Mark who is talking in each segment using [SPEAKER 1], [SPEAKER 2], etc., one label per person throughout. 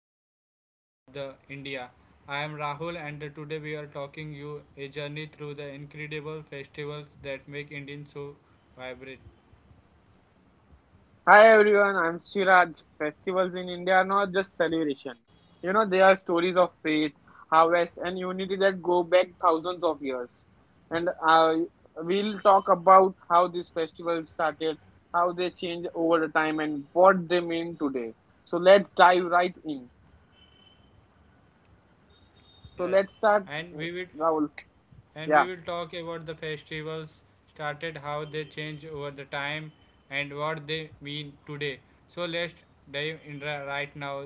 [SPEAKER 1] the religions of the India. I am Rahul and today we are talking you a journey through the incredible festivals that make Indians so vibrant.
[SPEAKER 2] Hi everyone, I'm Siraj. Festivals in India are not just celebration. You know, they are stories of faith, harvest, and unity that go back thousands of years. And We'll talk about how these festivals started, how they change over the time, and what they mean today. So let's dive right in. So
[SPEAKER 1] Yes.
[SPEAKER 2] let's start,
[SPEAKER 1] And
[SPEAKER 2] uh,
[SPEAKER 1] we will
[SPEAKER 2] Rahul.
[SPEAKER 1] and we
[SPEAKER 2] Yeah.
[SPEAKER 1] will talk about the festivals started how they change over the time and what they mean today. So let's dive in right now.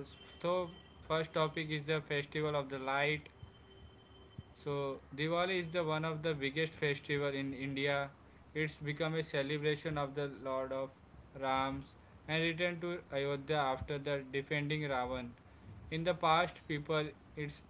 [SPEAKER 1] So first topic is the festival of the light. So Diwali is the one of the biggest festival in India. It's become a celebration of the Lord of Rams and return to Ayodhya after the defending Ravan. In the past, people its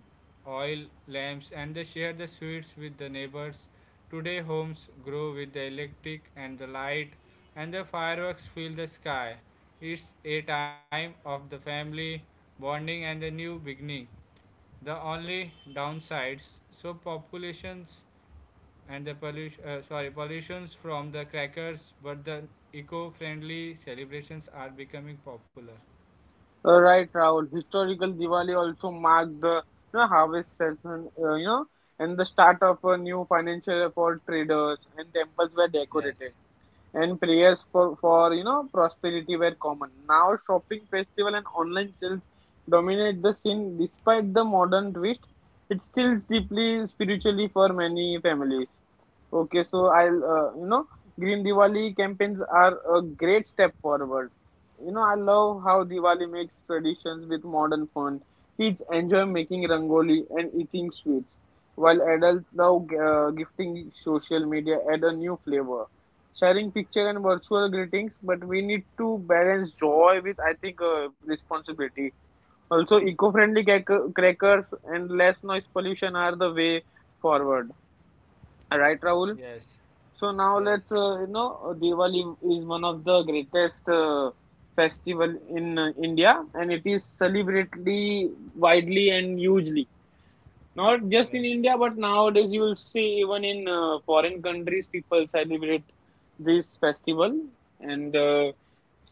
[SPEAKER 1] oil lamps and they share the sweets with the neighbors. Today, homes grow with the electric and the light, and the fireworks fill the sky. It's a time of the family bonding and the new beginning. The only downsides, so populations and the pollution, sorry, pollutions from the crackers, but the eco-friendly celebrations are becoming popular.
[SPEAKER 2] Right, Rahul. Historical Diwali also marked the you know, harvest season, and the start of a new financial year for traders. And temples were decorated,
[SPEAKER 1] Yes,
[SPEAKER 2] and prayers for you know prosperity were common. Now, shopping festival and online sales dominate the scene. Despite the modern twist, it still deeply spiritually for many families. Okay, so I'll, you know, Green Diwali campaigns are a great step forward. You know, I love how Diwali makes traditions with modern fun. Kids enjoy making rangoli and eating sweets, while adults now gifting social media add a new flavor. Sharing picture and virtual greetings, but we need to balance joy with, I think, responsibility. Also, eco-friendly crackers and less noise pollution are the way forward. Right, Rahul?
[SPEAKER 1] yes,
[SPEAKER 2] So now
[SPEAKER 1] yes,
[SPEAKER 2] let's, you know, Diwali is one of the greatest festival in India, and it is celebratedly widely and hugely. Not just in
[SPEAKER 1] yes,
[SPEAKER 2] India, but nowadays you will see even in foreign countries people celebrate this festival. And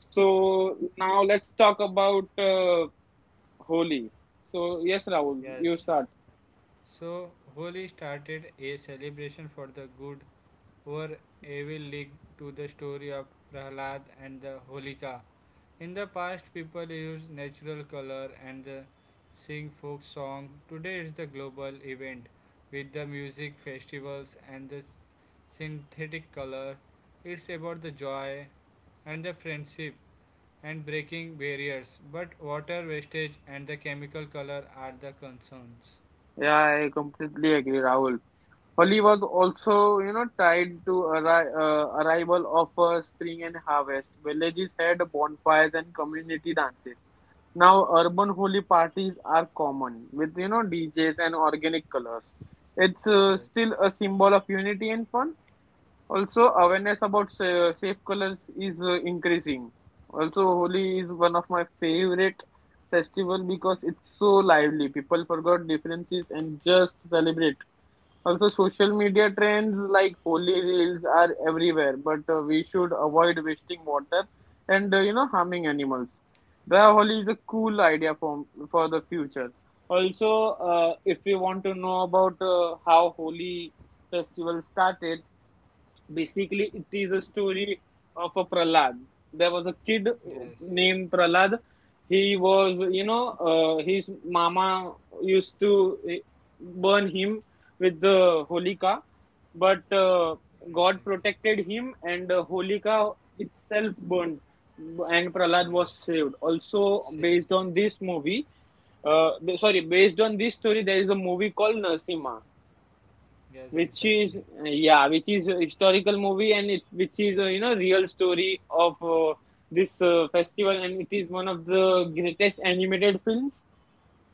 [SPEAKER 2] So now let's talk about Holi. So yes, Rahul, you
[SPEAKER 1] yes.
[SPEAKER 2] start.
[SPEAKER 1] So Holi started a celebration for the good, or evil league to the story of Prahlad and the Holika. In the past, people used natural color and the sing folk song. Today, it's the global event with the music festivals and the synthetic color. It's about the joy and the friendship and breaking barriers. But water wastage and the chemical color are the concerns.
[SPEAKER 2] Yeah, I completely agree, Rahul. Holi was also, you know, tied to arrival of spring and harvest. Villages had bonfires and community dances. Now, urban Holi parties are common with, you know, DJs and organic colors. It's
[SPEAKER 1] Yes,
[SPEAKER 2] still a symbol of unity and fun. Also, awareness about safe colors is increasing. Also, Holi is one of my favorite festival because it's so lively. People forgot differences and just celebrate also, social media trends like holy reels are everywhere, but we should avoid wasting water and you know harming animals. The holy is a cool idea for the future. Also, if we want to know about how holy festival started, basically it is a story of a prahlad, there was a kid
[SPEAKER 1] yes,
[SPEAKER 2] named prahlad. He was you know his mama used to burn him with the holika, but god
[SPEAKER 1] exactly.
[SPEAKER 2] protected him and holika itself burned and prahlad
[SPEAKER 1] Yes,
[SPEAKER 2] was saved also.
[SPEAKER 1] save.
[SPEAKER 2] Based on this movie, uh, sorry based on this story, there is a movie called narsimha,
[SPEAKER 1] Yes,
[SPEAKER 2] which is
[SPEAKER 1] exactly.
[SPEAKER 2] yeah, which is a historical movie and it which is a you know real story of this festival, and it is one of the greatest animated films.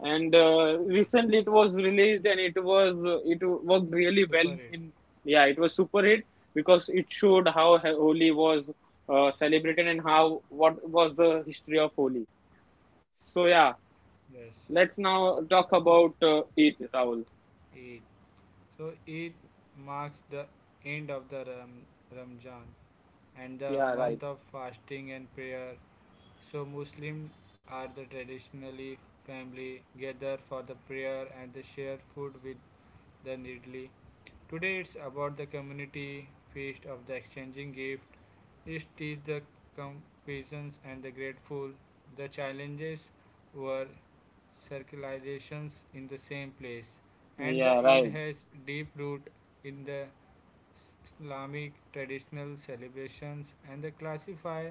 [SPEAKER 2] And
[SPEAKER 1] Yes,
[SPEAKER 2] Recently it was released and it was it worked really well
[SPEAKER 1] super it.
[SPEAKER 2] in, yeah, it was super hit because it showed how Holi was celebrated and how what was the history of Holi. So yeah,
[SPEAKER 1] Yes,
[SPEAKER 2] let's now talk
[SPEAKER 1] so,
[SPEAKER 2] about it, Rahul.
[SPEAKER 1] So it marks the end of the Ramzan and the
[SPEAKER 2] Yeah, right.
[SPEAKER 1] month of fasting and prayer. So Muslims are the traditionally family gather for the prayer and the share food with the needly. Today it's about the community feast of the exchanging gift it teaches the compassion and the grateful. The challenges were circulations in the same place, and the
[SPEAKER 2] Yeah,
[SPEAKER 1] Eid
[SPEAKER 2] right,
[SPEAKER 1] has deep root in the Islamic traditional celebrations and they classify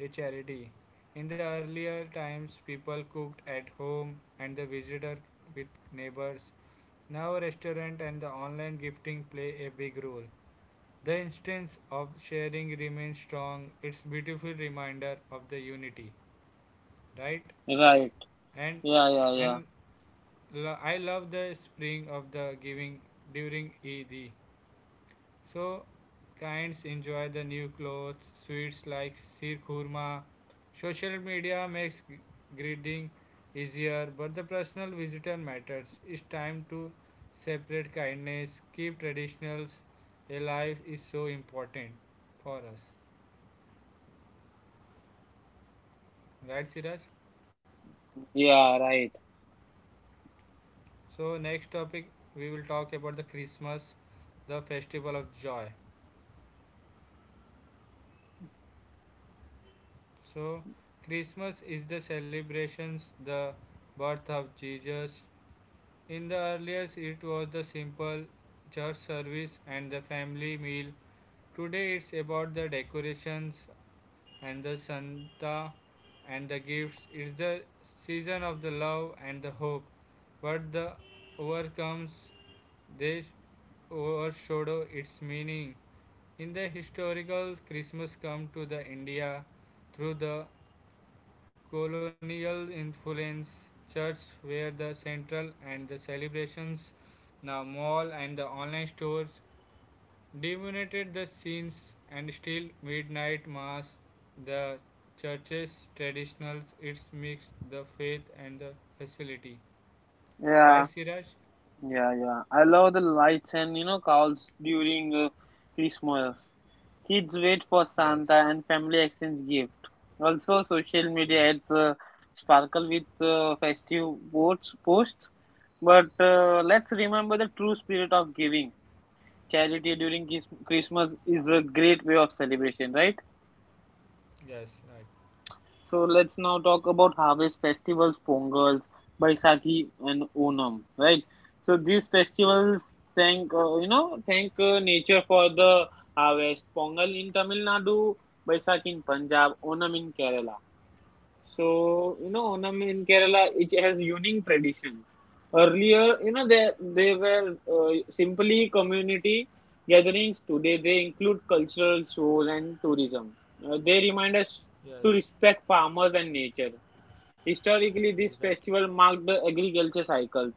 [SPEAKER 1] a charity. In the earlier times, people cooked at home and the visitor with neighbors. Now, restaurant and the online gifting play a big role. The instance of sharing remains strong. It's beautiful reminder of the unity, right?
[SPEAKER 2] right.
[SPEAKER 1] And
[SPEAKER 2] Yeah, yeah, yeah.
[SPEAKER 1] and I love the spring of the giving during Eid. So kinds enjoy the new clothes, sweets like sir khurma. Social media makes greeting easier, but the personal visitor matters. It's time to separate kindness, keep traditionals alive is so important for us. Right, Siraj?
[SPEAKER 2] Yeah, right.
[SPEAKER 1] So, next topic we will talk about the Christmas, the festival of joy. So, Christmas is the celebrations, the birth of Jesus. In the earliest, it was the simple church service and the family meal. Today, it's about the decorations and the Santa and the gifts. It's the season of the love and the hope, but the overcomes they overshadow its meaning. In the historical Christmas come to the India through the colonial influence church were the central and the celebrations the mall and the online stores dominated the scenes and still midnight mass the church's traditional it's mix the faith and the facility,
[SPEAKER 2] Yeah,
[SPEAKER 1] right, Siraj?
[SPEAKER 2] yeah, yeah. I love the lights and you know calls during Christmas. Kids wait for
[SPEAKER 1] Yes,
[SPEAKER 2] Santa and family exchange gift. Also, social media
[SPEAKER 1] yes,
[SPEAKER 2] adds sparkle with festive posts. But let's remember the true spirit of giving. Charity during Christmas is a great way of celebration, right?
[SPEAKER 1] yes, right,
[SPEAKER 2] So let's now talk about harvest festivals, Pongals, Baisakhi, and Onam, right? So these festivals
[SPEAKER 1] yes,
[SPEAKER 2] thank nature for the harvest. Pongal in Tamil Nadu, Baisakhi in Punjab, Onam in Kerala. So, you know, Onam in Kerala, it has unique tradition. Earlier, you know, they were simply community gatherings. Today, they include cultural shows and tourism. They remind us to
[SPEAKER 1] yes,
[SPEAKER 2] respect farmers and nature. Historically, this
[SPEAKER 1] exactly,
[SPEAKER 2] festival marked the agriculture cycles,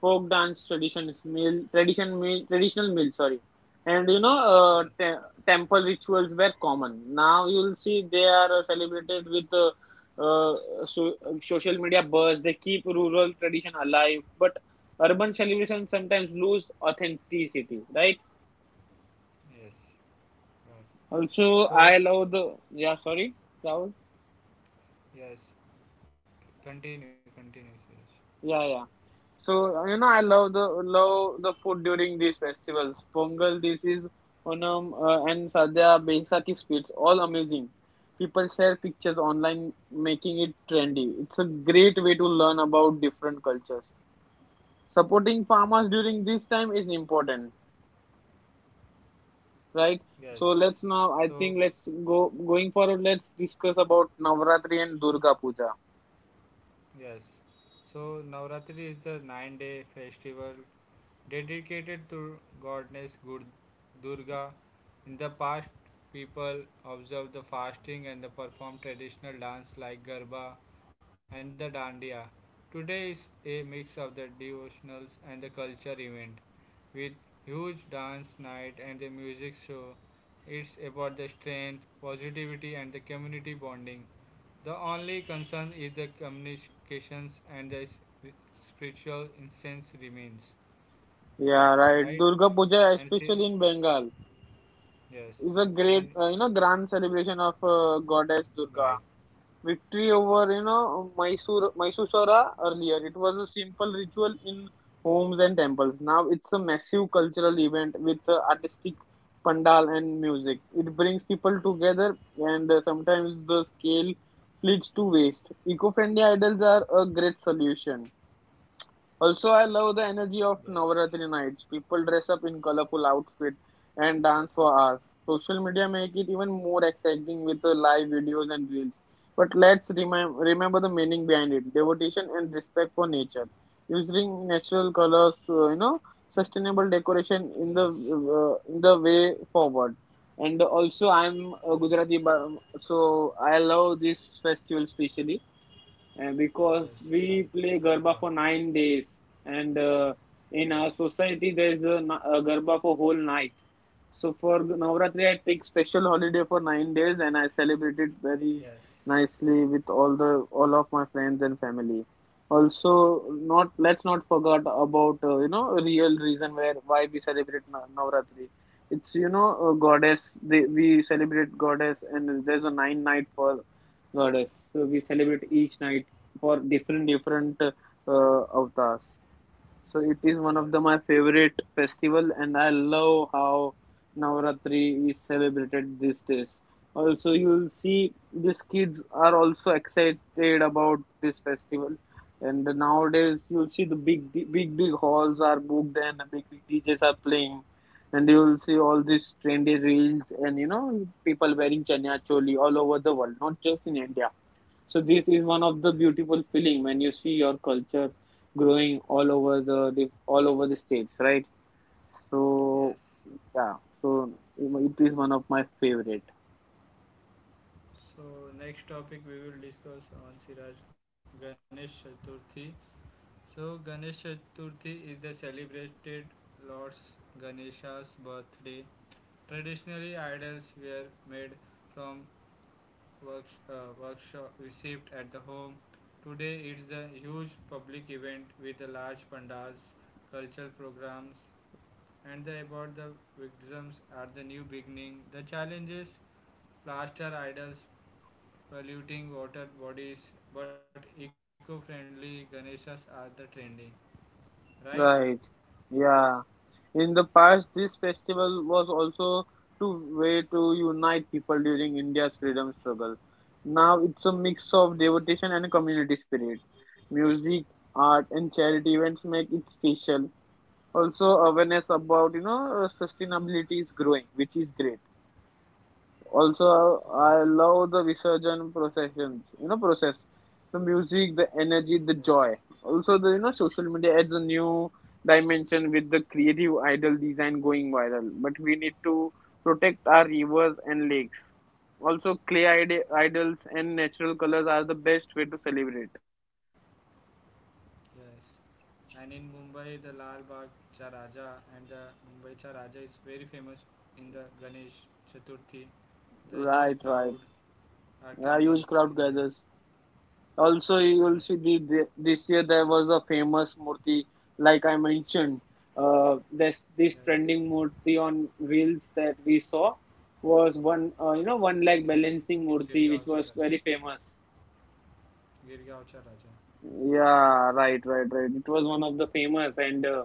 [SPEAKER 2] folk dance traditions, meal tradition meal traditional meal, sorry, and you know
[SPEAKER 1] yes,
[SPEAKER 2] temple rituals were common. Now you'll see they are celebrated with uh, social media buzz. They keep rural tradition alive, but urban celebrations sometimes lose authenticity. Right?
[SPEAKER 1] yes, right.
[SPEAKER 2] Also, I
[SPEAKER 1] So
[SPEAKER 2] love the yeah. Sorry, Rahul?
[SPEAKER 1] yes, continue, continue, Suresh.
[SPEAKER 2] Yeah, yeah. So you know, I love the food during these festivals. Pongal, this is Onam, and Sadhya Baisakhi sweets, all amazing. People share pictures online, making it trendy. It's a great way to learn about different cultures. Supporting farmers
[SPEAKER 1] Yes,
[SPEAKER 2] during this time is important, right?
[SPEAKER 1] yes.
[SPEAKER 2] So let's now. I
[SPEAKER 1] So,
[SPEAKER 2] think let's go going forward. Let's discuss about Navratri and Durga Puja.
[SPEAKER 1] yes. So, Navratri is the 9-day festival dedicated to goddess Durga. In the past people observed the fasting and the performed traditional dance like Garba and the Dandiya. Today is a mix of the devotionals and the culture event with huge dance night and the music show. It's about the strength, positivity and the community bonding. The only concern is the communications and the spiritual incense remains.
[SPEAKER 2] Yeah, right.
[SPEAKER 1] Right?
[SPEAKER 2] Durga Puja,
[SPEAKER 1] And see
[SPEAKER 2] especially in Bengal,
[SPEAKER 1] yes,
[SPEAKER 2] is a great
[SPEAKER 1] and
[SPEAKER 2] you know grand celebration of goddess Durga.
[SPEAKER 1] right,
[SPEAKER 2] Victory over you know Mysura. Earlier it was a simple ritual in homes and temples. Now it's a massive cultural event with artistic pandal and music. It brings people together, and sometimes the scale leads to waste. Eco-friendly idols are a great solution. Also, I love the energy
[SPEAKER 1] yes,
[SPEAKER 2] of Navaratri nights. People dress up in colorful outfits and dance for hours. Social media make it even more exciting with the live videos and reels. But let's remember the meaning behind it: devotion and respect for nature. Using natural colors, you know, sustainable decoration
[SPEAKER 1] yes,
[SPEAKER 2] in the way forward. And also, I'm a
[SPEAKER 1] yes,
[SPEAKER 2] Gujarati, so I love this festival specially
[SPEAKER 1] yes,
[SPEAKER 2] because
[SPEAKER 1] like
[SPEAKER 2] we play
[SPEAKER 1] garba,
[SPEAKER 2] Garba for 9 days, and in
[SPEAKER 1] yes,
[SPEAKER 2] our society there is a Garba for whole night. So for Navratri, I take special holiday for 9 days, and I celebrate it very
[SPEAKER 1] yes,
[SPEAKER 2] nicely with all of my friends and family. Also, not let's not forget about you know real reason where why we celebrate Navratri. It's you know a goddess. We celebrate goddess, and there's a nine night for goddess. So we celebrate each night for different avatars. So it is one of the
[SPEAKER 1] yes,
[SPEAKER 2] my favorite festival, and I love how Navaratri is celebrated these days. Also, you will see these kids are also excited about this festival, and nowadays you will see the big halls are booked and the big DJs are playing. And you will see all these trendy reels and you know people wearing chanya choli all over the world, not just in India. So this is one of the beautiful
[SPEAKER 1] right,
[SPEAKER 2] feeling when you see your culture growing all over the all over the states, right? So
[SPEAKER 1] yes.
[SPEAKER 2] yeah, so it is one of my favorite.
[SPEAKER 1] So next topic we will discuss on Siraj Ganesh Chaturthi. So Ganesh Chaturthi is the celebrated Lord Ganesha's birthday. Traditionally idols were made from works, workshop received at the home. Today it's the huge public event with the large pandals, cultural programs, and the about the victims at the new beginning. The challenges plaster idols polluting water bodies, but eco-friendly Ganeshas are the trending, right?
[SPEAKER 2] Right. Yeah. In the past, this festival was also to way to unite people during India's freedom struggle. Now it's a mix
[SPEAKER 1] Yes,
[SPEAKER 2] of devotion and community spirit. Music, art, and charity events make it special. Also awareness about you know sustainability is growing, which is great. Also
[SPEAKER 1] yes,
[SPEAKER 2] I love the resurgent processions, you know, process the music, the energy, the
[SPEAKER 1] exactly.
[SPEAKER 2] joy. Also the you know social media adds a new dimension with the creative idol design going viral, but we need to protect our rivers and lakes. Also clay idols and natural colors are the best way to celebrate,
[SPEAKER 1] Yes. And in Mumbai, the Lal Bagh Raja and the Mumbai Cha is very famous in the Ganesh Chaturthi. The huge
[SPEAKER 2] right?
[SPEAKER 1] crowd
[SPEAKER 2] Right.
[SPEAKER 1] are coming
[SPEAKER 2] Yeah, huge
[SPEAKER 1] in there.
[SPEAKER 2] crowd gathers. Also,
[SPEAKER 1] Yes,
[SPEAKER 2] you will see this year there was a famous murti, like I mentioned. This
[SPEAKER 1] yes.
[SPEAKER 2] trending murti on wheels that we saw was one, you know, one leg balancing
[SPEAKER 1] Girgaon
[SPEAKER 2] murti,
[SPEAKER 1] Cha
[SPEAKER 2] which
[SPEAKER 1] Raja.
[SPEAKER 2] was very famous.
[SPEAKER 1] Girgaon Cha Raja.
[SPEAKER 2] Yeah, right, It was one of the famous and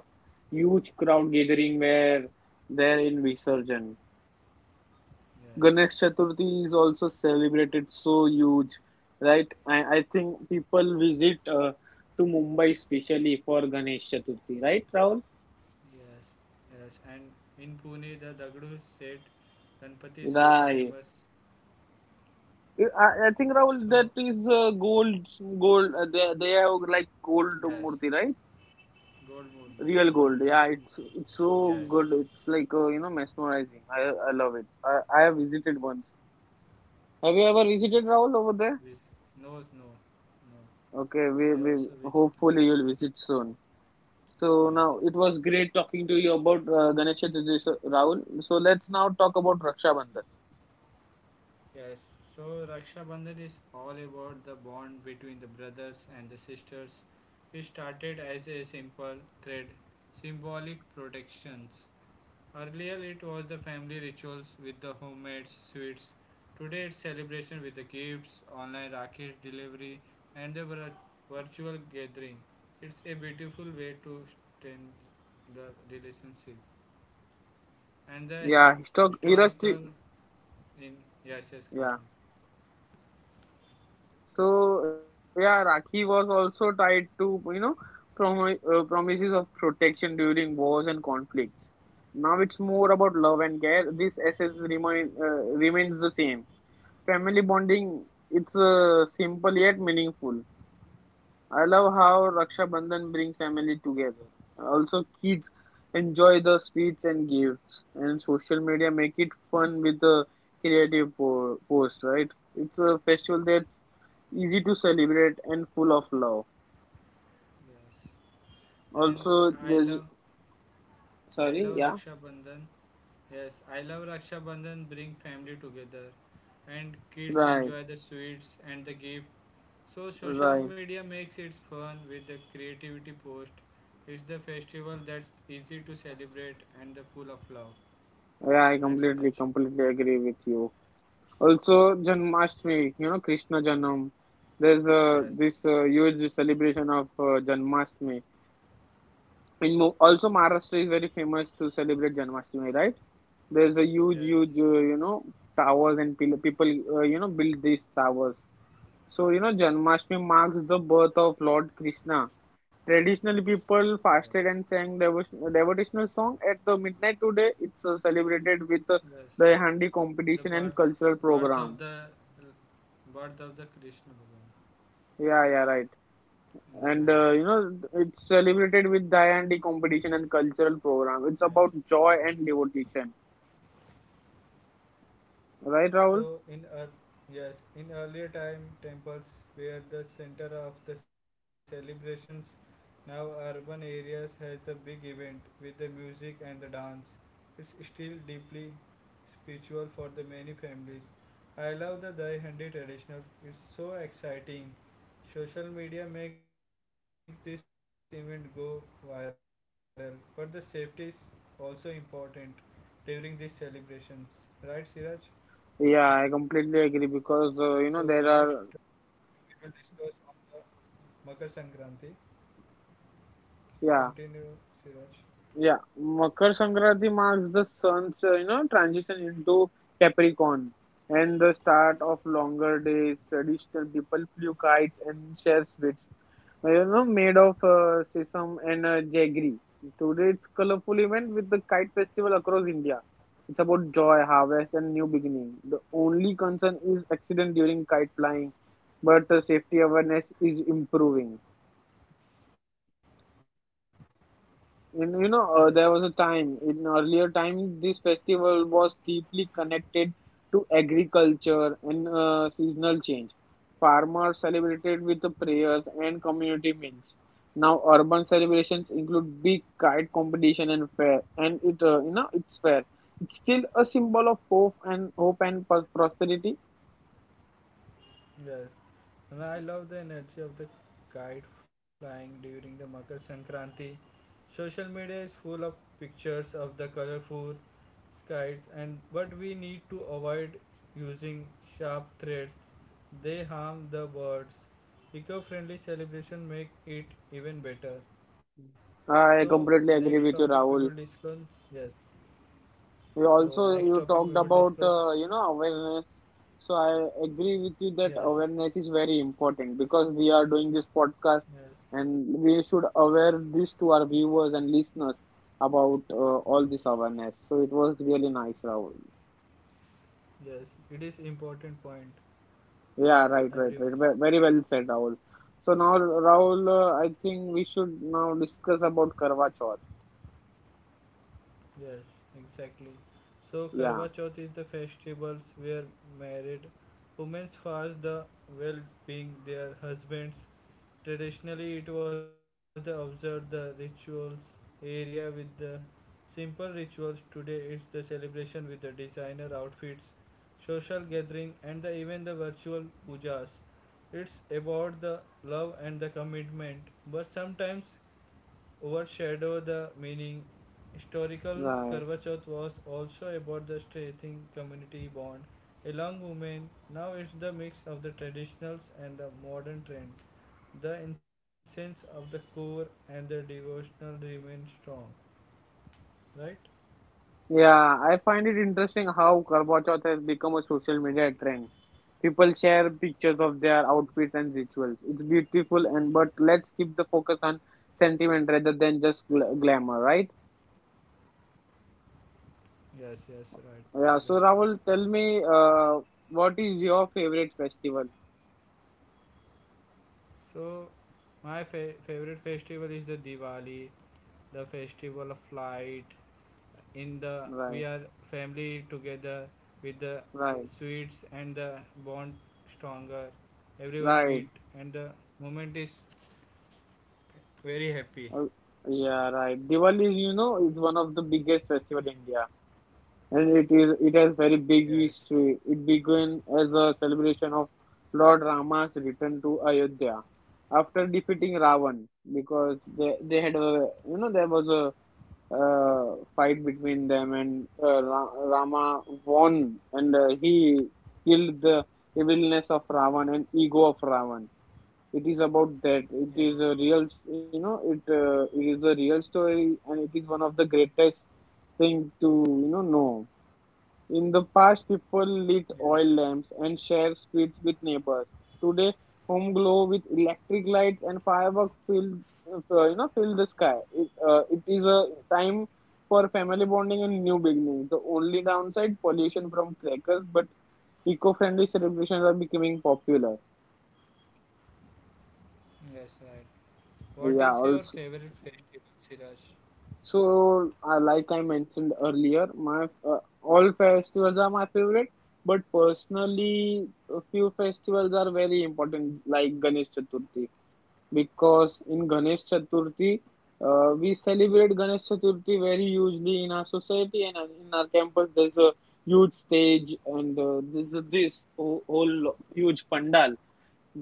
[SPEAKER 2] huge crowd gathering where there in Visarjan.
[SPEAKER 1] Yes.
[SPEAKER 2] Ganesh Chaturthi
[SPEAKER 1] So,
[SPEAKER 2] is also celebrated so huge, right? I think people visit to Mumbai especially for Ganesh Chaturthi, right, Rahul?
[SPEAKER 1] yes, yes. And in Pune, the Dagdu Set Ganpati is very famous.
[SPEAKER 2] Right. I think Rahul,
[SPEAKER 1] So,
[SPEAKER 2] that is gold. They have like gold
[SPEAKER 1] yes.
[SPEAKER 2] murti, right?
[SPEAKER 1] Gold moon.
[SPEAKER 2] Real
[SPEAKER 1] Gold.
[SPEAKER 2] gold. Yeah, it's so
[SPEAKER 1] Yes.
[SPEAKER 2] good. It's like you know mesmerizing. I love it. I have visited once. Have you ever
[SPEAKER 1] Yes.
[SPEAKER 2] visited, Rahul, over there?
[SPEAKER 1] With no, no, no.
[SPEAKER 2] Okay,
[SPEAKER 1] I also
[SPEAKER 2] we
[SPEAKER 1] visit.
[SPEAKER 2] hopefully you'll visit soon. So
[SPEAKER 1] Yes,
[SPEAKER 2] now it was great talking to you about Ganesh Chaturthi, Rahul. So let's now talk about Raksha Bandhan.
[SPEAKER 1] yes. So Raksha Bandhan is all about the bond between the brothers and the sisters. It started as a simple thread, symbolic protections. Earlier it was the family rituals with the homemade sweets. Today it's celebration with the gifts, online rakhi delivery, and the virtual gathering. It's a beautiful way to strengthen the relationship and
[SPEAKER 2] Yeah,
[SPEAKER 1] the
[SPEAKER 2] he talk. Three.
[SPEAKER 1] historical in yes, yes,
[SPEAKER 2] Yeah.
[SPEAKER 1] continue.
[SPEAKER 2] So yeah, Rakhi was also tied to you know promises of protection during wars and conflicts. Now it's more about love and care. This essence remains the same. Family bonding. It's simple yet meaningful. I love how Raksha Bandhan brings family together. Also, kids enjoy the sweets and gifts, and social media make it fun with the creative post. Right? It's a festival that's easy to celebrate and full of love.
[SPEAKER 1] Yes, and
[SPEAKER 2] Also,
[SPEAKER 1] I love
[SPEAKER 2] there's
[SPEAKER 1] I love
[SPEAKER 2] yeah,
[SPEAKER 1] Raksha Bandhan. Yes, I love Raksha Bandhan. Bring family together, and kids
[SPEAKER 2] right,
[SPEAKER 1] enjoy the sweets and the gift. So social
[SPEAKER 2] right.
[SPEAKER 1] media makes it fun with the creativity post. It's the festival that's easy to celebrate and the full of love.
[SPEAKER 2] Yeah, I
[SPEAKER 1] Right, Siraj?
[SPEAKER 2] completely agree with you. Also, Janmashtami, you know, Krishna Janam. There's
[SPEAKER 1] Yes,
[SPEAKER 2] this huge celebration of Janmashtami in also Maharashtra is very famous to celebrate Janmashtami, right? There's a
[SPEAKER 1] yes,
[SPEAKER 2] you know, towers and people, you know, build these towers. So, you know, Janmashtami marks the birth of Lord Krishna. Traditionally, people fasted
[SPEAKER 1] yes,
[SPEAKER 2] and sang devotional song at the midnight today. It's celebrated with
[SPEAKER 1] yes.
[SPEAKER 2] the handi
[SPEAKER 1] The
[SPEAKER 2] competition and cultural
[SPEAKER 1] birth of
[SPEAKER 2] program.
[SPEAKER 1] the, birth of the Krishna Bhagwan
[SPEAKER 2] Yeah, yeah, right.
[SPEAKER 1] in the
[SPEAKER 2] And
[SPEAKER 1] night.
[SPEAKER 2] you know, it's celebrated with the handi competition and cultural program. It's
[SPEAKER 1] Yes,
[SPEAKER 2] about joy and
[SPEAKER 1] exactly.
[SPEAKER 2] devotion. Right,
[SPEAKER 1] So
[SPEAKER 2] Rahul?
[SPEAKER 1] in yes, in earlier time temples were the center of the celebrations. Now urban areas has the big event with the music and the dance. It's still deeply spiritual for the many families. I love the Dai Handi traditional. It's so exciting. Social media makes this event go viral, but the safety is also important during these celebrations. Right, Siraj?
[SPEAKER 2] Yeah, I completely
[SPEAKER 1] So
[SPEAKER 2] agree
[SPEAKER 1] next we
[SPEAKER 2] because you know there
[SPEAKER 1] will
[SPEAKER 2] are
[SPEAKER 1] discuss on the Makar Sankranti. So continue,
[SPEAKER 2] yeah.
[SPEAKER 1] Siraj.
[SPEAKER 2] Yeah, Makar Sankranti marks the sun's you know transition into Capricorn and the start of longer days. Traditional people flew kites and share sweets, you know, made of sesame and jaggery. Today, it's colorful event with the kite festival across India. It's about joy, harvest, and new beginning. The only concern is accident during kite flying, but safety awareness is improving.
[SPEAKER 1] Yes,
[SPEAKER 2] And you know, there was a time in earlier time this festival was deeply connected to agriculture and seasonal change. Farmers celebrated with the prayers and community meals. Now, urban celebrations include big kite competition and fair, and it you know it's fair. It's still a symbol of hope and prosperity.
[SPEAKER 1] yes. And I love the energy of the kite flying during the Makar Sankranti. Social media is full of pictures of the colorful kites and but we need to avoid using sharp threads. They harm the birds. Eco-friendly celebration make it even better.
[SPEAKER 2] I
[SPEAKER 1] So
[SPEAKER 2] completely
[SPEAKER 1] next
[SPEAKER 2] agree with
[SPEAKER 1] topic
[SPEAKER 2] you,
[SPEAKER 1] we will
[SPEAKER 2] Rahul.
[SPEAKER 1] discuss. Yes.
[SPEAKER 2] You
[SPEAKER 1] So
[SPEAKER 2] also
[SPEAKER 1] next
[SPEAKER 2] you
[SPEAKER 1] topic
[SPEAKER 2] talked
[SPEAKER 1] we will
[SPEAKER 2] about
[SPEAKER 1] discuss.
[SPEAKER 2] you know awareness. So I agree with you that
[SPEAKER 1] Yes,
[SPEAKER 2] awareness is very important because we are doing this podcast
[SPEAKER 1] yes,
[SPEAKER 2] and we should aware this to our viewers and listeners about all this awareness. So it was really nice, Rahul.
[SPEAKER 1] yes. It is important point
[SPEAKER 2] Yeah,
[SPEAKER 1] for
[SPEAKER 2] right, right,
[SPEAKER 1] everyone.
[SPEAKER 2] right. Very well said, Rahul. So now, Rahul,
[SPEAKER 1] Yes,
[SPEAKER 2] I think we should now discuss about Karwa Chauth.
[SPEAKER 1] yes, exactly. So
[SPEAKER 2] Yeah,
[SPEAKER 1] Karwa Chauth is the festivals where married women fast the well-being their husbands. Traditionally, it was the observed the rituals area with the simple rituals. Today, it's the celebration with the designer outfits, social gathering, and the, even the virtual pujas. It's about the love and the commitment, but sometimes overshadow the meaning. Historical
[SPEAKER 2] right.
[SPEAKER 1] Karva Chauth was also about the strengthening community bond along women. Now it's the mix of the traditionals and the modern trends the essence of the core and the devotional remain strong, right,
[SPEAKER 2] Yeah, I find it interesting how Karwa Chauth has become a social media trend. People share pictures of their
[SPEAKER 1] yes,
[SPEAKER 2] outfits and rituals. It's beautiful, and but let's keep the focus on sentiment rather than just glamour, right?
[SPEAKER 1] yes, yes, right, Siraj.
[SPEAKER 2] Yeah. So Rahul, tell me, what is your favorite festival?
[SPEAKER 1] So my favorite festival is the Diwali, the festival of light, in the we
[SPEAKER 2] Right,
[SPEAKER 1] are family together with the
[SPEAKER 2] right,
[SPEAKER 1] sweets and the bond stronger everyone
[SPEAKER 2] right.
[SPEAKER 1] meet and the moment is very
[SPEAKER 2] Uh,
[SPEAKER 1] happy,
[SPEAKER 2] yeah, right. Diwali, you know, is one of the biggest festival in India. And it is it has very big
[SPEAKER 1] yes,
[SPEAKER 2] history. It began as a celebration of Lord Rama's return to Ayodhya after defeating Ravan because they had a you know there was a fight between them and Rama won and he killed the evilness of Ravan and ego of Ravan. It is about that. It is
[SPEAKER 1] yes,
[SPEAKER 2] a
[SPEAKER 1] right,
[SPEAKER 2] real, you know, it it is a real story and it is one of the greatest thing to you know in the past, people lit oil
[SPEAKER 1] yes,
[SPEAKER 2] lamps and shared sweets with neighbors. Today, home glow with electric lights and fireworks fill, you know, fill the sky. It is a time for family bonding and new beginnings. The only downside, pollution from crackers, but eco-friendly celebrations are becoming popular.
[SPEAKER 1] yes, right. What
[SPEAKER 2] Yeah,
[SPEAKER 1] is your
[SPEAKER 2] also.
[SPEAKER 1] favorite festival, Siraj?
[SPEAKER 2] So, like I mentioned earlier, my all festivals are my favorite, but personally, a few festivals are very important, like Ganesh Chaturthi, because in Ganesh Chaturthi, we celebrate Ganesh Chaturthi very hugely in our society and in our campus. There's a huge stage and there's a, this whole huge pandal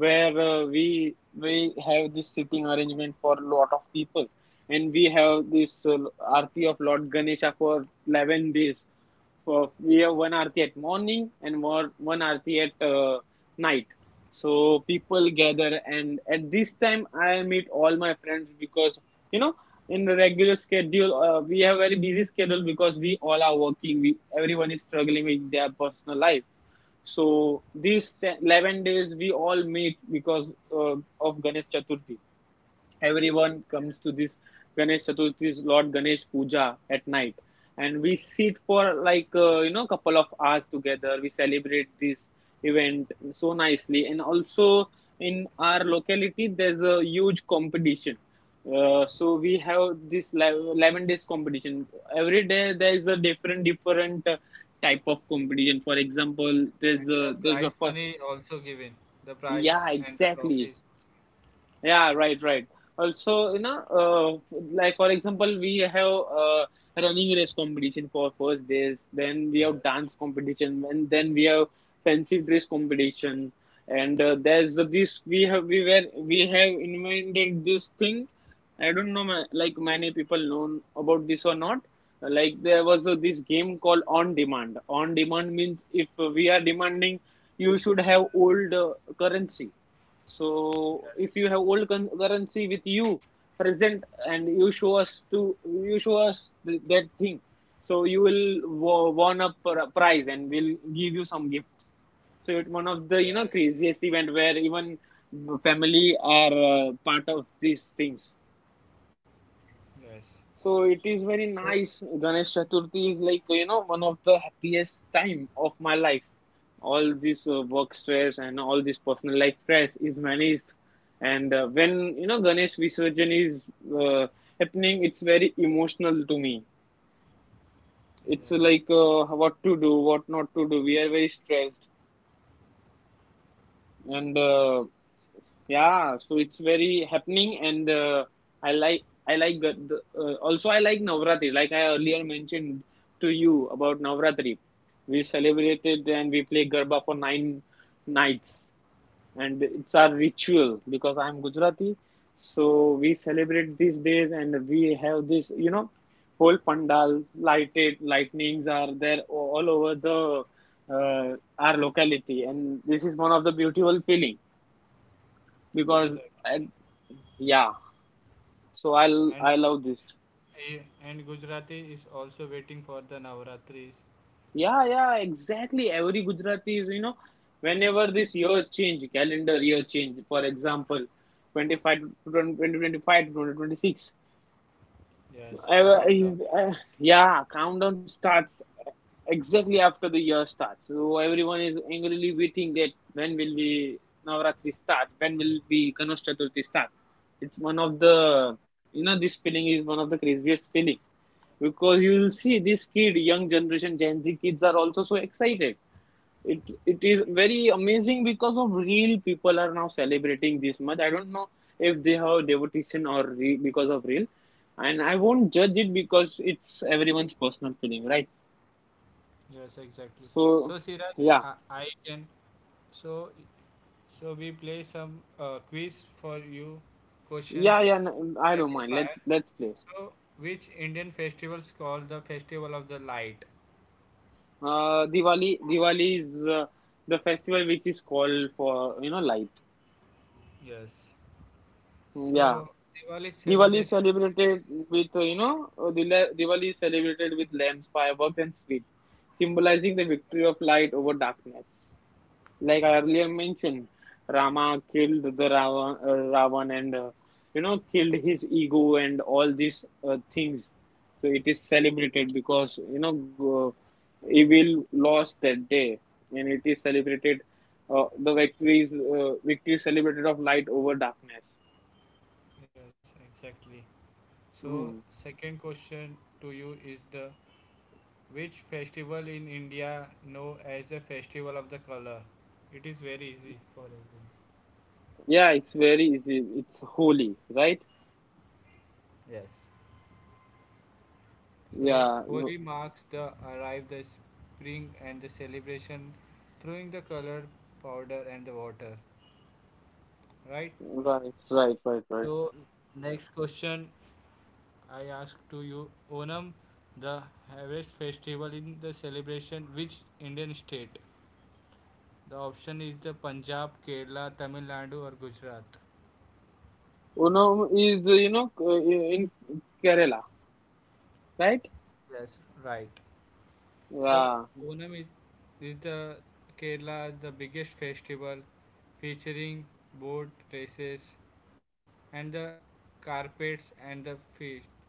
[SPEAKER 2] where uh, we have this sitting arrangement for a lot of people and we have this arti of lord ganesha for 11 days for we have one arti at morning and more one arti at night. So people gather and at this time I meet all my friends because you know in the regular schedule we have very busy schedule because we all are working we everyone is struggling with their personal life. So these 11 days we all meet because of Ganesh Chaturthi everyone comes to this Ganesh Chaturthi, Lord Ganesh Puja at night, and we sit for like you know couple of hours together. We celebrate this event so nicely, and also in our locality there's a huge competition. So we have this 11 days competition every day there is a different type of competition for example there's a
[SPEAKER 1] And
[SPEAKER 2] there's
[SPEAKER 1] the
[SPEAKER 2] a
[SPEAKER 1] prize money also given. The
[SPEAKER 2] yeah
[SPEAKER 1] prize and the
[SPEAKER 2] exactly.
[SPEAKER 1] trophies.
[SPEAKER 2] Yeah, right, right. Also, you know, like for example, we have running race competition for first days, then we have dance competition, and then we have fancy dress competition. And there's this we have invented this thing. I don't know, like many people know about this or not. Like there was this game called on demand. On demand means if we are demanding, you should have old currency. So if you have
[SPEAKER 1] Yes.
[SPEAKER 2] old currency with you present and you show us that thing, so you will won a prize and we'll give you some gifts. So it's one of the you know
[SPEAKER 1] Yes.
[SPEAKER 2] craziest event where even family are part of these things.
[SPEAKER 1] Yes.
[SPEAKER 2] So it is very
[SPEAKER 1] So
[SPEAKER 2] nice. Ganesh Chaturthi is like, you know, one of the happiest time of my life. All this work stress and all this personal life stress is managed. And when, you know, Ganesh Visarjan is uh, happening, it's very emotional to me. It's
[SPEAKER 1] yes.
[SPEAKER 2] like what to do, what not to do. We are very stressed. And
[SPEAKER 1] Yes.
[SPEAKER 2] yeah, so it's very happening, and I like I like the also I like Navratri. Like I earlier mentioned to you about Navratri, we celebrated and we play Garba for nine nights, and it's our ritual because I'm Gujarati, so we celebrate these days and we have this you know whole pandal lighted lightnings are there all over the our locality, and this is one of the beautiful feeling because. At
[SPEAKER 1] Exactly.
[SPEAKER 2] yeah, so I'll
[SPEAKER 1] And
[SPEAKER 2] I love this.
[SPEAKER 1] eh, and Gujarati is also waiting for the Navratris.
[SPEAKER 2] Yeah, yeah, exactly. Every Gujarati is, you know, whenever this year change, calendar year change, for example, 25 to 2025 to 2026.
[SPEAKER 1] Yes.
[SPEAKER 2] I,
[SPEAKER 1] The
[SPEAKER 2] I,
[SPEAKER 1] countdown.
[SPEAKER 2] yeah, countdown starts exactly after the year starts. So everyone is angrily waiting that when will be Navratri start? When will be Ganesh Chaturthi start? It's one of the, you know, this feeling is one of the craziest feeling because you'll
[SPEAKER 1] Yes.
[SPEAKER 2] see this kid young generation gen z kids are also so excited. It it is
[SPEAKER 1] Exactly.
[SPEAKER 2] very amazing because of real people are now celebrating this much I don't know if they have devotion or because of real and I won't judge it because it's everyone's personal feeling, right?
[SPEAKER 1] Yes. Exactly. So
[SPEAKER 2] So
[SPEAKER 1] Siraj,
[SPEAKER 2] yeah,
[SPEAKER 1] I, I can. So so we play some quiz for you.
[SPEAKER 2] yeah,
[SPEAKER 1] Questions.
[SPEAKER 2] yeah, I don't
[SPEAKER 1] Rapid
[SPEAKER 2] mind, let's
[SPEAKER 1] fire.
[SPEAKER 2] let's play.
[SPEAKER 1] So, which Indian festivals called the Festival of the Light?
[SPEAKER 2] Uh, Diwali, Diwali is the festival which is called for you know light.
[SPEAKER 1] Yes,
[SPEAKER 2] Yeah,
[SPEAKER 1] so, Diwali
[SPEAKER 2] Diwali is
[SPEAKER 1] celebration
[SPEAKER 2] celebrated
[SPEAKER 1] is
[SPEAKER 2] with, you
[SPEAKER 1] yes,
[SPEAKER 2] know, Diwali is celebrated with lamps, fireworks, and sweets, symbolizing the victory of light over darkness. Like I earlier
[SPEAKER 1] exactly.
[SPEAKER 2] mentioned, Rama killed the Ravan, Ravan and, you know, killed his ego and all these things. So it is celebrated because, you know, evil lost that day, and it is celebrated, victory is celebrated of light over darkness.
[SPEAKER 1] Yes, exactly. So,
[SPEAKER 2] Hmm.
[SPEAKER 1] second question to you is the which festival in India known as the Festival of the Color? It is very easy for everyone.
[SPEAKER 2] Yeah, it's very easy. It's holy, right?
[SPEAKER 1] So,
[SPEAKER 2] Yeah, no-
[SPEAKER 1] Holi marks the arrive the spring and the celebration throwing the color powder and the water, right?
[SPEAKER 2] right, right,
[SPEAKER 1] So
[SPEAKER 2] right, right.
[SPEAKER 1] next question I ask to you Onam the harvest festival in the celebration which Indian state. The option is the Punjab Kerala Tamil Nadu or Gujarat,
[SPEAKER 2] Unam is, you know, in Kerala, right?
[SPEAKER 1] yes, right. So
[SPEAKER 2] Yeah,
[SPEAKER 1] Onam is the Kerala the biggest festival featuring boat races and the carpets and the feast.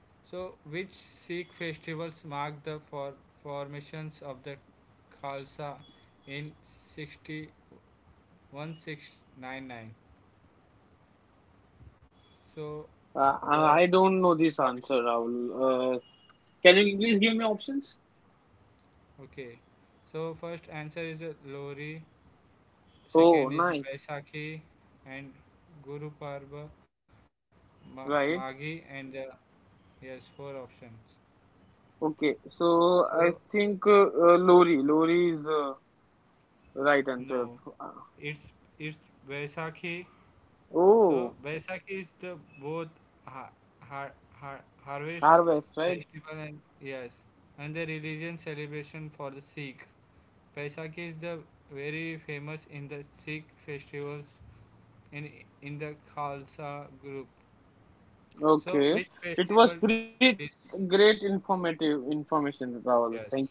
[SPEAKER 1] So, which Sikh festivals mark the formations of the Khalsa in 60, 1699? So,
[SPEAKER 2] uh,
[SPEAKER 1] the
[SPEAKER 2] I don't know this answer,
[SPEAKER 1] option.
[SPEAKER 2] Rahul. Can you please give me options?
[SPEAKER 1] Okay. So, first answer is Lohri.
[SPEAKER 2] Oh,
[SPEAKER 1] Second is
[SPEAKER 2] nice.
[SPEAKER 1] Baisakhi, and Guru Parva, Magi,
[SPEAKER 2] Right.
[SPEAKER 1] and the yes, four options.
[SPEAKER 2] Okay. So
[SPEAKER 1] So,
[SPEAKER 2] I think Lori. Lori is right
[SPEAKER 1] no,
[SPEAKER 2] answer. Uh,
[SPEAKER 1] it's it's Vaisakhi. So
[SPEAKER 2] Oh,
[SPEAKER 1] Baisakhi is the both ha- har- harvest
[SPEAKER 2] harvest, right?
[SPEAKER 1] festival and yes, and the religion celebration for the Sikh. Baisakhi is the very famous in the Sikh festivals in the Khalsa group. So
[SPEAKER 2] Okay.
[SPEAKER 1] which
[SPEAKER 2] It was
[SPEAKER 1] festival
[SPEAKER 2] great,
[SPEAKER 1] is
[SPEAKER 2] great informative information, Rahul. Thank you.
[SPEAKER 1] yes?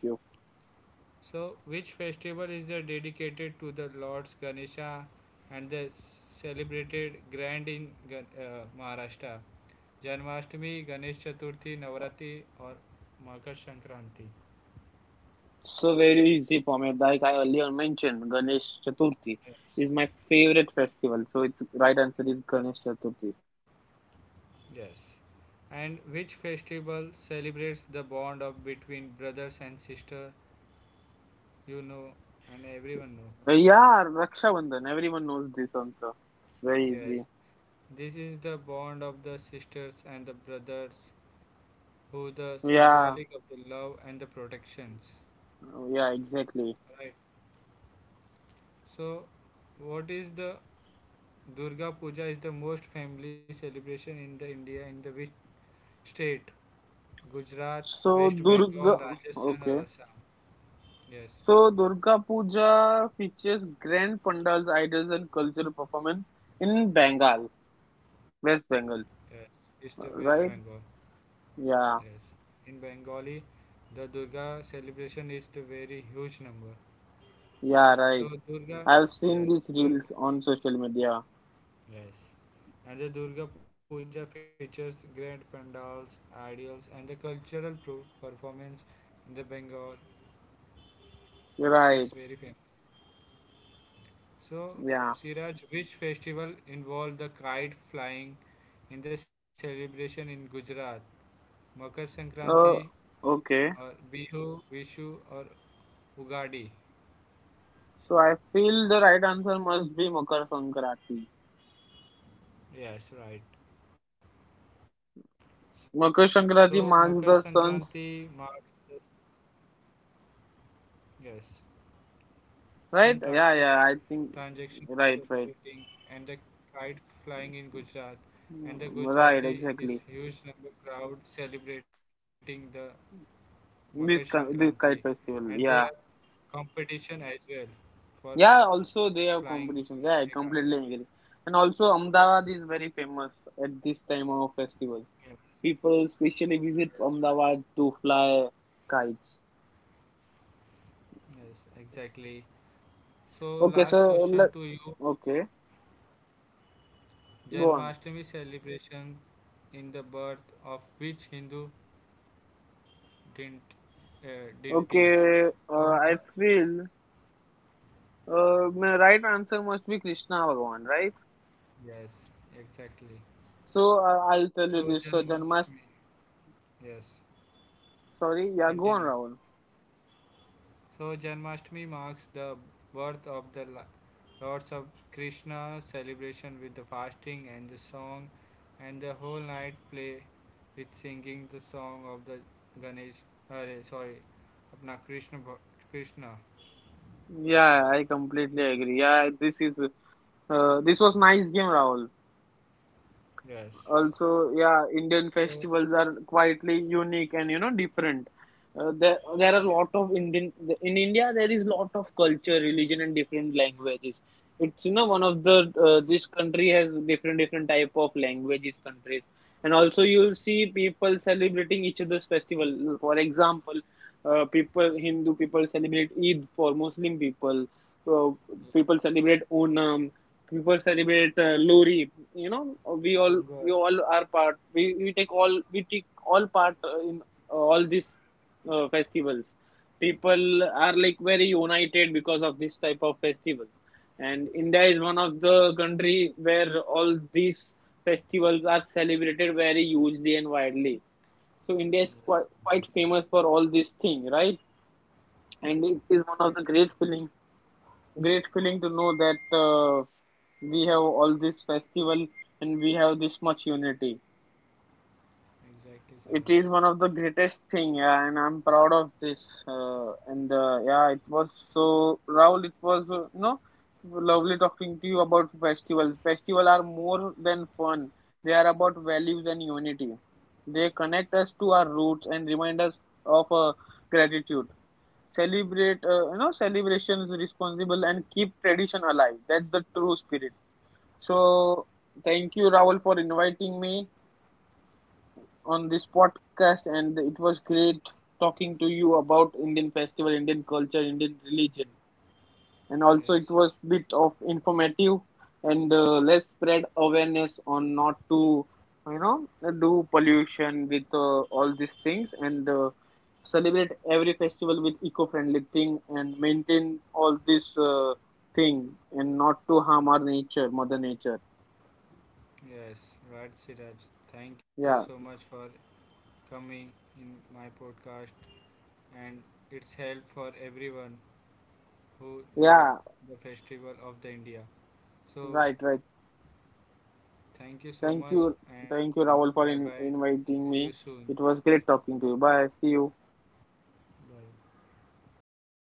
[SPEAKER 1] So which festival is the dedicated to the Lords Ganesha and the celebrated grand in Maharashtra? Janmashtami, Ganesh Chaturthi, Navaratri, or Makar Sankranti.
[SPEAKER 2] So very easy for me. Like I earlier mentioned, Ganesh Chaturthi is my
[SPEAKER 1] Yes.
[SPEAKER 2] favorite festival. So its right answer is Ganesh Chaturthi.
[SPEAKER 1] Yes. And which festival celebrates the bond of between brothers and sister? You know, and everyone know.
[SPEAKER 2] Yeah, Raksha Bandhan. Everyone knows this answer. Very
[SPEAKER 1] Yes.
[SPEAKER 2] easy.
[SPEAKER 1] This is the bond of the sisters and the brothers, who the
[SPEAKER 2] Yeah,
[SPEAKER 1] symbolic of the love and the protections.
[SPEAKER 2] yeah, exactly.
[SPEAKER 1] Right. So, what is the Durga Puja is the most family celebration in the India in the which state? Gujarat,
[SPEAKER 2] So
[SPEAKER 1] West
[SPEAKER 2] Durga,
[SPEAKER 1] Bengal, Rajasthan, or
[SPEAKER 2] okay.
[SPEAKER 1] Assam. Yes,
[SPEAKER 2] So Durga Puja features grand pandals, idols, and cultural performance in Bengal, West Bengal,
[SPEAKER 1] yes. It's the West Bengal.
[SPEAKER 2] right? Yeah.
[SPEAKER 1] Yes. In Bengali, the Durga celebration is the very huge number.
[SPEAKER 2] Yeah,
[SPEAKER 1] So
[SPEAKER 2] right.
[SPEAKER 1] Durga,
[SPEAKER 2] I've seen
[SPEAKER 1] yes,
[SPEAKER 2] these
[SPEAKER 1] Durga,
[SPEAKER 2] reels on social media.
[SPEAKER 1] yes. And the Durga Puja features grand pandals, ideals, and the cultural performance in the Bengal. It's very
[SPEAKER 2] Right.
[SPEAKER 1] famous. So,
[SPEAKER 2] Yeah.
[SPEAKER 1] Siraj, which festival involved the kite flying in the celebration in Gujarat? Makar Sankranti
[SPEAKER 2] Uh,
[SPEAKER 1] or
[SPEAKER 2] okay.
[SPEAKER 1] Bihu, Vishu or Ugadi.
[SPEAKER 2] So I feel the right answer must be Makar Sankranti.
[SPEAKER 1] Yes, right. So Makar
[SPEAKER 2] Makar
[SPEAKER 1] Sankranti
[SPEAKER 2] Sankranti
[SPEAKER 1] marks the
[SPEAKER 2] marks the sun's
[SPEAKER 1] yes sun traction
[SPEAKER 2] right. Yeah, yeah. I
[SPEAKER 1] transactions
[SPEAKER 2] think
[SPEAKER 1] celebrating
[SPEAKER 2] right,
[SPEAKER 1] and the
[SPEAKER 2] right,
[SPEAKER 1] kite flying in Gujarat, and the Gujarati is
[SPEAKER 2] right.
[SPEAKER 1] huge
[SPEAKER 2] Exactly.
[SPEAKER 1] number crowd celebrating the Makar Sankranti, and they
[SPEAKER 2] This
[SPEAKER 1] are
[SPEAKER 2] kite festival. Yeah,
[SPEAKER 1] competition as well for
[SPEAKER 2] yeah.
[SPEAKER 1] flying
[SPEAKER 2] Also, they have
[SPEAKER 1] a kite.
[SPEAKER 2] competitions. Yeah, I completely agree. And also, Ahmedabad is very famous at this time of
[SPEAKER 1] Yes.
[SPEAKER 2] festival. People specially visits Ahmedabad to fly kites.
[SPEAKER 1] Yes, exactly. So last
[SPEAKER 2] Okay, so
[SPEAKER 1] question to
[SPEAKER 2] let
[SPEAKER 1] you
[SPEAKER 2] okay, go on.
[SPEAKER 1] Janmashtami celebration in the birth of which Hindu dint, uh, deity
[SPEAKER 2] Okay,
[SPEAKER 1] for the
[SPEAKER 2] I feel my right answer must be Krishna Bhagwan, right?
[SPEAKER 1] yes, exactly.
[SPEAKER 2] So I'll
[SPEAKER 1] So
[SPEAKER 2] tell you this. So
[SPEAKER 1] Janmashtami
[SPEAKER 2] Janmas,
[SPEAKER 1] yes
[SPEAKER 2] sorry, yeah, go
[SPEAKER 1] continue.
[SPEAKER 2] on, Rahul.
[SPEAKER 1] So Janmashtami marks the birth of the Lords of Krishna celebration with the fasting and the song and the whole night play with singing the song of the Ganesh uh, sorry अपना कृष्ण भ-,
[SPEAKER 2] Yeah, I completely agree. Yeah, this is this was nice game, Rahul.
[SPEAKER 1] yes
[SPEAKER 2] Also yeah
[SPEAKER 1] so,
[SPEAKER 2] Indian festivals are quietly unique and you know different. Uh, there are a lot
[SPEAKER 1] yes,
[SPEAKER 2] of
[SPEAKER 1] but
[SPEAKER 2] Indian in India there is lot of culture religion and different languages. It's you know one of the this country has different type of languages countries, and also you'll see people celebrating each other's festival. For example, people Hindu people celebrate Eid for Muslim people. So
[SPEAKER 1] yeah,
[SPEAKER 2] people celebrate Onam, people celebrate Lori. You know, we all we
[SPEAKER 1] hunger,
[SPEAKER 2] all are part. We take all part in all these festivals. People are like very united because of this type of festival, and India is one of the country where all these festivals are celebrated very hugely and widely. So India is quite
[SPEAKER 1] yes,
[SPEAKER 2] famous
[SPEAKER 1] exactly,
[SPEAKER 2] for all these things, right? And it is one of the
[SPEAKER 1] exactly.
[SPEAKER 2] great feeling to know that we have all this festival and we have this much unity. It
[SPEAKER 1] Exactly,
[SPEAKER 2] is one of
[SPEAKER 1] Siraj.
[SPEAKER 2] the greatest thing, yeah, and I'm proud of this. And yeah, it was so Raul. It was you know lovely talking to you about festivals. Festivals are more than fun; they are about values and unity. They connect us to our roots and remind us of gratitude. Celebrate you know celebrations responsible and keep tradition alive, that's the true spirit. So thank you Rahul for inviting me on this podcast, and it was great talking to you about Indian festival, Indian culture, Indian religion, and also it
[SPEAKER 1] Yes,
[SPEAKER 2] was bit of informative and us spread awareness on not to you know do pollution with all these things and celebrate every festival with eco-friendly thing and maintain all this thing and not to harm our nature mother nature.
[SPEAKER 1] yes, right, Siraj. Thank
[SPEAKER 2] Yeah,
[SPEAKER 1] you so much for coming in my podcast, and it's help for everyone who
[SPEAKER 2] yeah,
[SPEAKER 1] know the festival of the India.
[SPEAKER 2] right,
[SPEAKER 1] So,
[SPEAKER 2] right.
[SPEAKER 1] thank
[SPEAKER 2] Thank
[SPEAKER 1] you
[SPEAKER 2] you.
[SPEAKER 1] so much,
[SPEAKER 2] Thank you
[SPEAKER 1] and
[SPEAKER 2] Rahul for
[SPEAKER 1] bye bye.
[SPEAKER 2] inviting
[SPEAKER 1] See you
[SPEAKER 2] me.
[SPEAKER 1] soon.
[SPEAKER 2] It was great talking to you. Bye, see you.